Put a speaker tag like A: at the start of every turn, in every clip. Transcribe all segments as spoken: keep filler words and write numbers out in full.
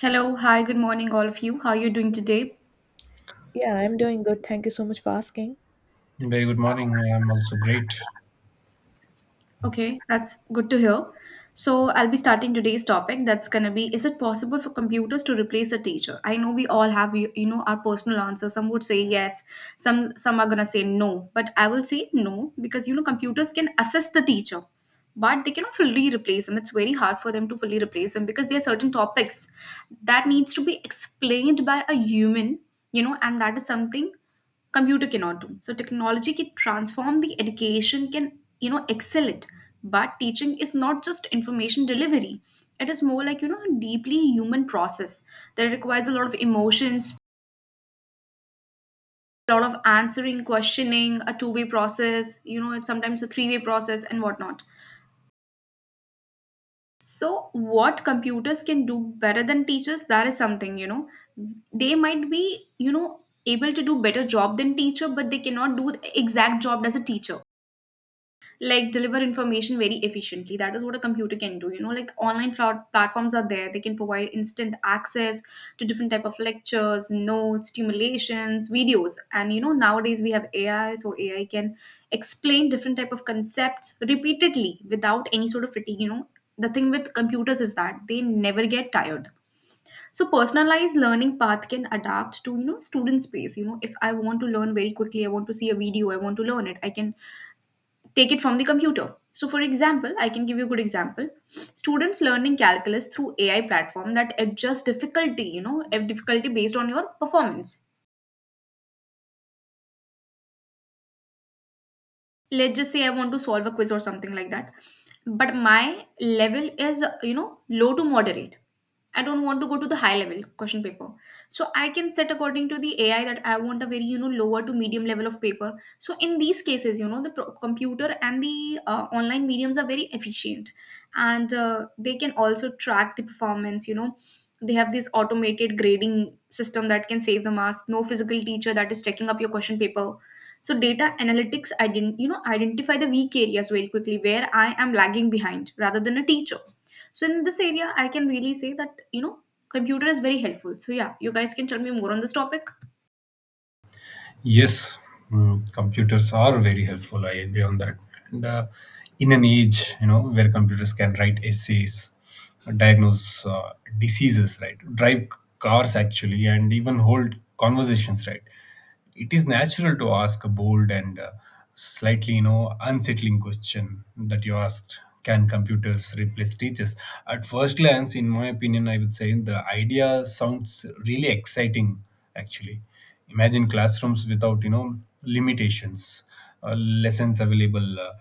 A: Hello, hi, good morning, all of you. How are you doing today?
B: Yeah, I'm doing good. Thank you so much for asking.
C: Very good morning. I am also great.
A: Okay, that's good to hear. So, I'll be starting today's topic. That's gonna be is it possible for computers to replace the teacher? I know we all have, you you know, our personal answer. Some would say yes, some, some are gonna say no. But I will say no because, you know, computers can assist the teacher, but they cannot fully replace them. It's very hard for them to fully replace them because there are certain topics that needs to be explained by a human, you know, and that is something computer cannot do. So technology can transform the education, can, you know, excel it, but teaching is not just information delivery. It is more like, you know, a deeply human process that requires a lot of emotions, a lot of answering, questioning, a two way process, you know, it's sometimes a three way process and whatnot. So, what computers can do better than teachers, that is something, you know. They might be, you know, able to do better job than teacher, but they cannot do the exact job as a teacher, like deliver information very efficiently. That is what a computer can do, you know, like online plat- platforms are there. They can provide instant access to different type of lectures, notes, stimulations, videos, and you know, nowadays we have AI, so AI can explain different type of concepts repeatedly without any sort of fatigue. You know, the thing with computers is that they never get tired. So personalized learning path can adapt to, you know, student space. You know, if I want to learn very quickly, I want to see a video, I want to learn it, I can take it from the computer. So, for example, I can give you a good example. Students learning calculus through A I platform that adjust difficulty, you know, eh, difficulty based on your performance. Let's just say I want to solve a quiz or something like that, but my level is, you know, low to moderate. I don't want to go to the high level question paper, so I can set according to the AI that I want a very, you know, lower to medium level of paper. So in these cases, you know, the pro- computer and the uh, online mediums are very efficient, and uh, they can also track the performance, you know. They have this automated grading system that can save the marks. No physical teacher that is checking up your question paper. So data analytics ident- you know, identify the weak areas very quickly where I am lagging behind, rather than a teacher. So in this area I can really say that, you know, computer is very helpful. So yeah, you guys can tell me more on this topic.
C: Yes, mm, computers are very helpful. I agree on that. And uh, In an age, you know, where computers can write essays, uh, diagnose uh, diseases, right, drive cars actually, and even hold conversations, right. It is natural to ask a bold and uh, slightly, you know, unsettling question that you asked. Can computers replace teachers? At first glance, in my opinion, I would say the idea sounds really exciting actually. Imagine classrooms without, you know, limitations, uh, lessons available, uh,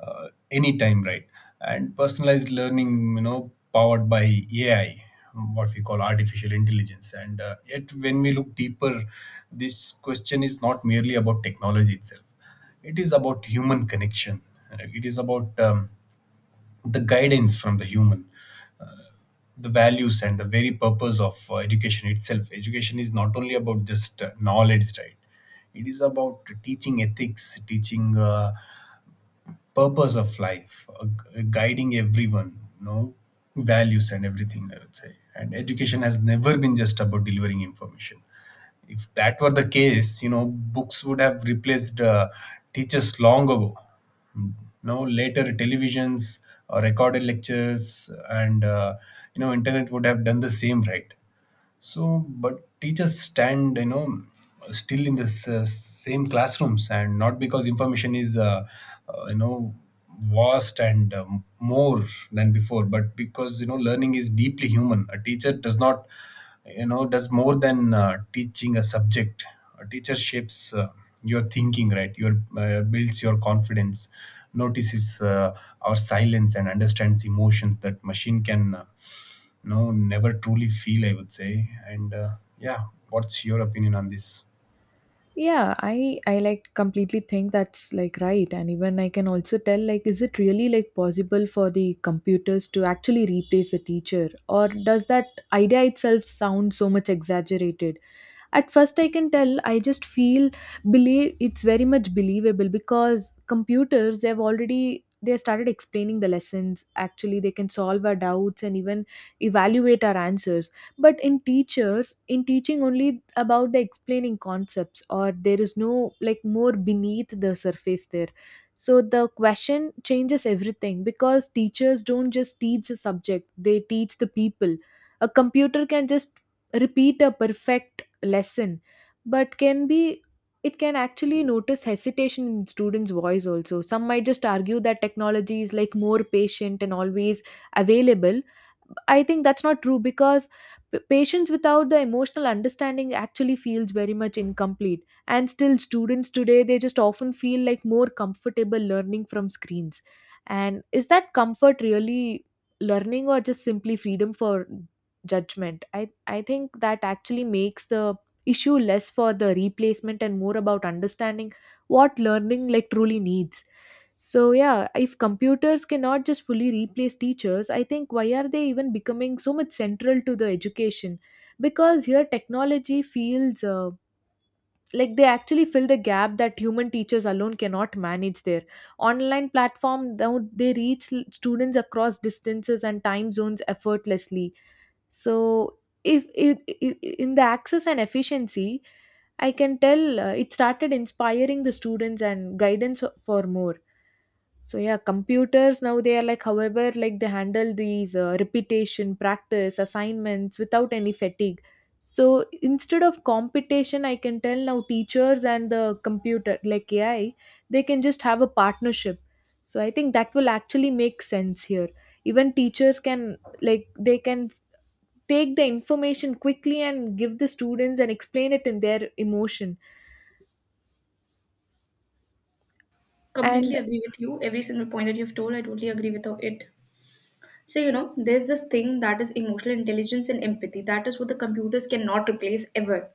C: uh, anytime, right? And personalized learning, you know, powered by A I, what we call artificial intelligence. And uh, Yet, when we look deeper, this question is not merely about technology itself, it is about human connection, right? It is about um, the guidance from the human. The values and the very purpose of uh, education itself. Education is not only about just uh, knowledge, right? It is about teaching ethics, teaching, uh, purpose of life, uh, gu- guiding everyone, you know, values and everything, I would say. And education has never been just about delivering information. If that were the case, you know, books would have replaced uh, teachers long ago. No, later televisions or recorded lectures and, uh, you know, internet would have done the same, right? So but teachers stand, you know, still in this uh, same classrooms, and not because information is uh, uh, you know, vast and um, more than before, but because, you know, learning is deeply human. A teacher does not, you know, does more than uh, teaching a subject. A teacher shapes uh, your thinking, right, your uh, builds your confidence, notices uh, our silence and understands emotions that machine can uh, no, never truly feel, I would say. And uh, Yeah, what's your opinion on this?
B: Yeah, i i like completely think that's like right. And even I can also tell, like, is it really like possible for the computers to actually replace a teacher, or does that idea itself sound so much exaggerated? At first I can tell I just feel believe it's very much believable because computers, they have already, they started explaining the lessons. Actually, they can solve our doubts and even evaluate our answers. But in teachers, in teaching only about the explaining concepts, or there is no like more beneath the surface there. So the question changes everything because teachers don't just teach the subject, they teach the people. A computer can just repeat a perfect lesson, but can be, it can actually notice hesitation in students voice. Also, some might just argue that technology is like more patient and always available. I think that's not true because p- patience without the emotional understanding actually feels very much incomplete. And still students today, they just often feel like more comfortable learning from screens. And is that comfort really learning or just simply freedom for judgment? I i think that actually makes the issue less for the replacement and more about understanding what learning like truly needs. So yeah, if computers cannot just fully replace teachers, I think why are they even becoming so much central to the education? Because here technology feels uh, like they actually fill the gap that human teachers alone cannot manage. Their online platform now, they reach l- students across distances and time zones effortlessly. So if, if, if in the access and efficiency, I can tell uh, it started inspiring the students and guidance for more. So yeah, computers now, they are like, however, like they handle these uh, repetition practice assignments without any fatigue. So instead of competition, I can tell now teachers and the computer, like A I, they can just have a partnership. So I think that will actually make sense here. Even teachers can, like they can take the information quickly and give the students and explain it in their emotion. And
A: Completely agree with you. Every single point that you've told, I totally agree with it. So you know, there's this thing that is emotional intelligence and empathy. That is what the computers cannot replace ever.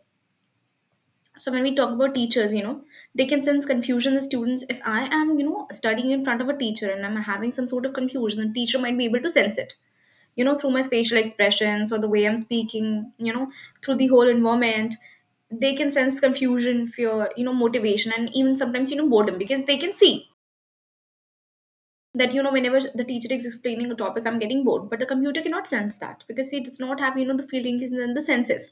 A: So when we talk about teachers, you know, they can sense confusion in students. If I am, you know, studying in front of a teacher and I'm having some sort of confusion, the teacher might be able to sense it, you know, through my facial expressions or the way I'm speaking, you know, through the whole environment. They can sense confusion, fear, you know, motivation, and even sometimes, you know, boredom, because they can see that, you know, whenever the teacher is explaining a topic, I'm getting bored, but the computer cannot sense that because it does not have, you know, the feelings and the senses.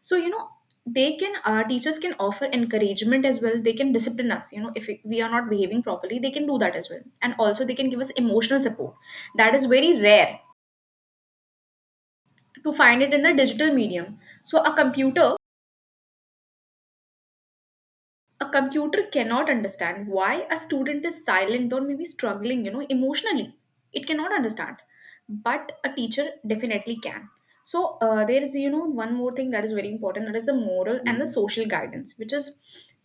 A: So you know, they can, uh, teachers can offer encouragement as well. They can discipline us, you know, if we are not behaving properly, they can do that as well. And also they can give us emotional support that is very rare to find it in the digital medium. So a computer a computer cannot understand why a student is silent or maybe struggling, you know, emotionally. It cannot understand, but a teacher definitely can. So uh, there is, you know, one more thing that is very important, that is the moral and the, mhm, social guidance, which is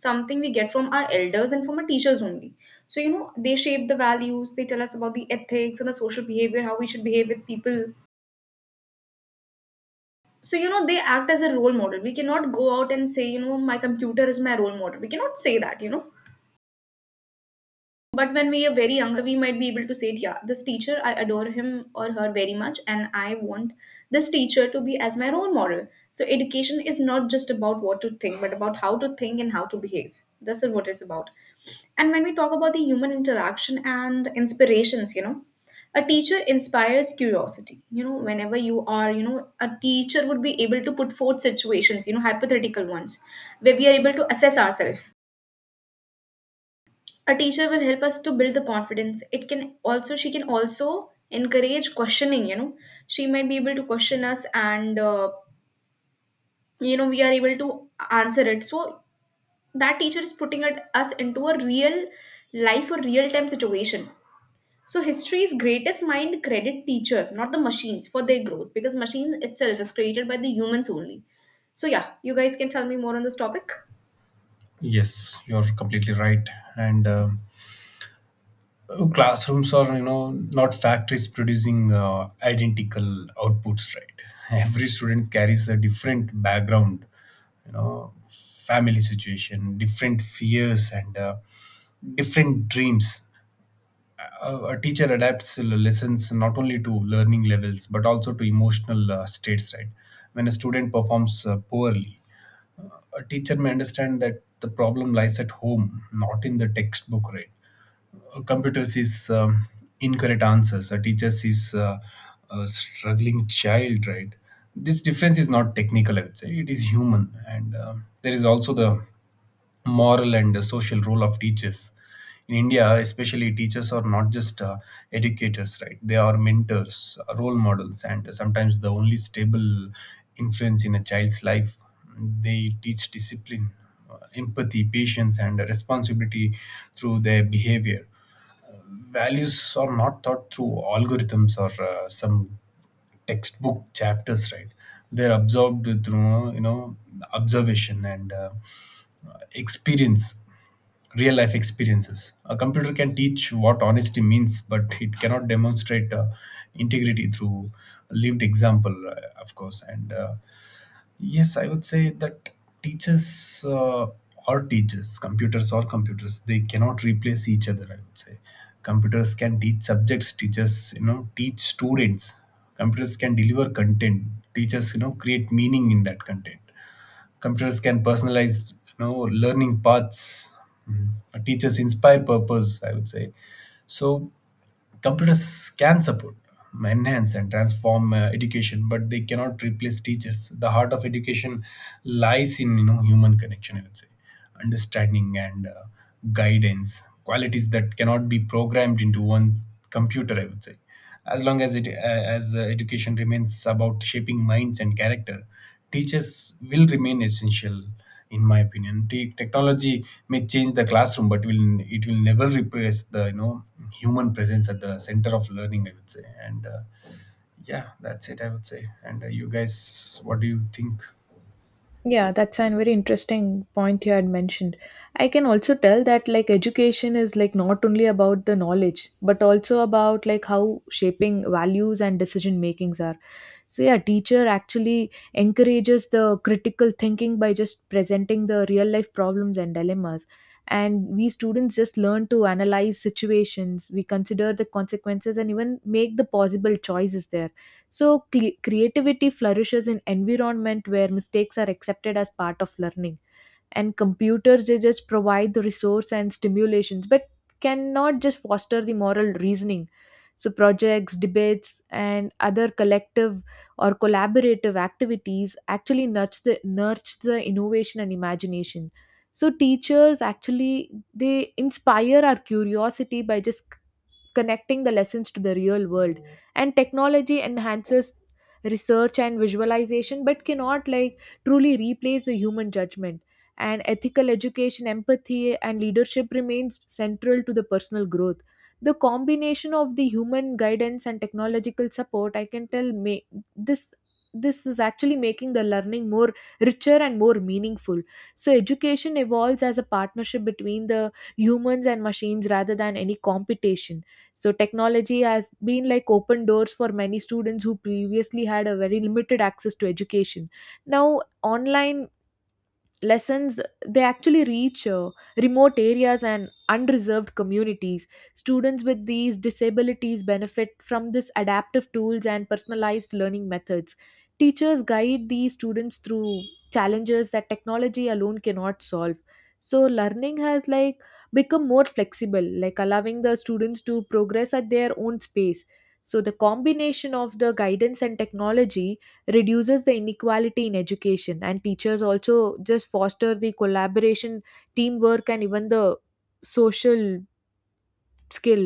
A: something we get from our elders and from our teachers only. So you know, they shape the values, they tell us about the ethics and the social behavior, how we should behave with people. So you know, they act as a role model. We cannot go out and say, you know, my computer is my role model. We cannot say that, you know. But when we are very younger, we might be able to say, yeah, this teacher, I adore him or her very much, and I want this teacher to be as my role model. So, education is not just about what to think, but about how to think and how to behave. This is what it's about. And when we talk about the human interaction and inspirations, you know, a teacher inspires curiosity. You know, whenever you are, you know, a teacher would be able to put forth situations, you know, hypothetical ones, where we are able to assess ourselves. A teacher will help us to build the confidence. It can also, she can also encourage questioning. You know, she might be able to question us, and uh, you know, we are able to answer it. So that teacher is putting it, us into a real life or real time situation. So history's greatest mind credit teachers, not the machines, for their growth, because machine itself is created by the humans only. So yeah, you guys can tell me more on this topic.
C: Yes, you're completely right. and uh, Classrooms are, you know, not factories producing uh, identical outputs, right. Every student carries a different background, you know, family situation, different fears and uh, different dreams. A, a teacher adapts l- lessons not only to learning levels but also to emotional uh, states, right. When a student performs uh, poorly, a teacher may understand that the problem lies at home, not in the textbook, right. A computer sees um, incorrect answers; a teacher sees uh, a struggling child, right. This difference is not technical, I would say, it is human. And um there is also the moral and uh, social role of teachers. In India especially, teachers are not just uh, educators, right. They are mentors, uh, role models, and sometimes the only stable influence in a child's life. They teach discipline, uh, empathy, patience and responsibility through their behavior. Values are not taught through algorithms or uh, some textbook chapters, right. They're absorbed through, you know, observation and uh, experience, real life experiences. A computer can teach what honesty means, but it cannot demonstrate uh, integrity through lived example, uh, of course. And uh, Yes, I would say that teachers uh, or teachers, computers or computers, they cannot replace each other. I would say computers can teach subjects, teachers, you know, teach students. Computers can deliver content, teachers, you know, create meaning in that content. Computers can personalize, you know, learning paths. Mhm. Teachers inspire purpose, I would say. So computers can support, enhance, and transform uh, education, but they cannot replace teachers. The heart of education lies in, you know, human connection, I would say. Understanding and uh, guidance, qualities that cannot be programmed into one computer, I would say. As long as it uh, as uh, education remains about shaping minds and character, teachers will remain essential, in my opinion. Te- technology may change the classroom, but will it will never replace the, you know, human presence at the center of learning, I would say. And uh, Yeah, that's it, I would say. And uh, You guys, what do you think?
B: yeah, that's a very interesting point you had mentioned. I can also tell that like education is like not only about the knowledge, but also about like how shaping values and decision makings are. So yeah, teacher actually encourages the critical thinking by just presenting the real life problems and dilemmas. And we students just learn to analyze situations, we consider the consequences and even make the possible choices there. So, cre- creativity flourishes in environment where mistakes are accepted as part of learning. And computers, they just provide the resource and stimulations, but cannot just foster the moral reasoning. So, projects, debates, and other collective or collaborative activities actually nurture the, nurture the innovation and imagination. So, teachers actually they inspire our curiosity by just connecting the lessons to the real world, and technology enhances research and visualization but cannot like truly replace the human judgment. And ethical education, empathy and leadership remains central to the personal growth. The combination of the human guidance and technological support, I can tell may, this this is actually making the learning more richer and more meaningful. So education evolves as a partnership between the humans and machines rather than any competition. So technology has been like open doors for many students who previously had a very limited access to education. Now online lessons, they actually reach uh, remote areas and unreserved communities. Students with these disabilities benefit from this adaptive tools and personalized learning methods. Teachers guide these students through challenges that technology alone cannot solve. So learning has like become more flexible, like allowing the students to progress at their own space. So the combination of the guidance and technology reduces the inequality in education, and teachers also just foster the collaboration, teamwork and even the social skill.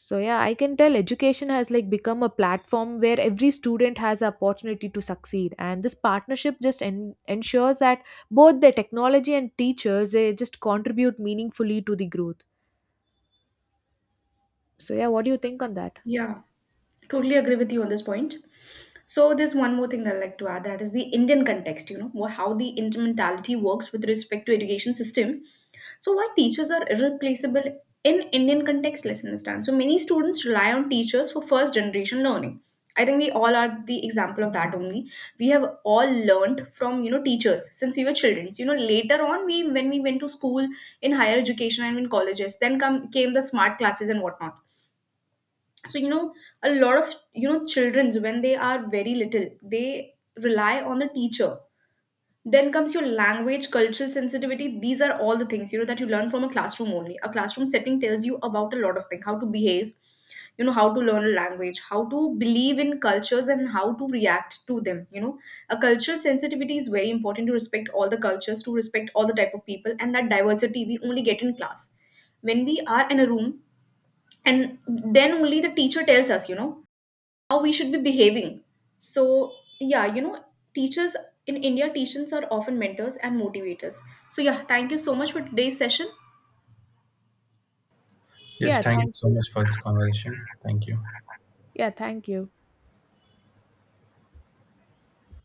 B: So yeah, I can tell education has like become a platform where every student has the opportunity to succeed, and this partnership just en- ensures that both the technology and teachers, they just contribute meaningfully to the growth. So yeah, what do you think on that?
A: Yeah, totally agree with you on this point. So there's one more thing that I'd like to add, that is the Indian context, you know, wha- how the intermentality works with respect to education system. So why teachers are irreplaceable in Indian context, let's understand. So many students rely on teachers for first generation learning. I think we all are the example of that only. We have all learned from, you know, teachers since we were children. So, you know, later on we when we went to school, in higher education and in colleges, then come came the smart classes and whatnot. So you know, a lot of, you know, children's, when they are very little, they rely on the teacher. Then comes your language, cultural sensitivity. These are all the things, you know, that you learn from a classroom only. A classroom setting tells you about a lot of things, how to behave, you know, how to learn a language, how to believe in cultures and how to react to them. You know, a cultural sensitivity is very important to respect all the cultures, to respect all the type of people, and that diversity we only get in class, when we are in a room, and then only the teacher tells us, you know, how we should be behaving. So, yeah, you know, teachers in India, teachers are often mentors and motivators. So, yeah, thank you so much for today's session.
C: Yes,
B: Yeah,
C: thank you
B: thank
C: so
B: you.
C: much for this conversation. Thank you.
B: Yeah, thank you.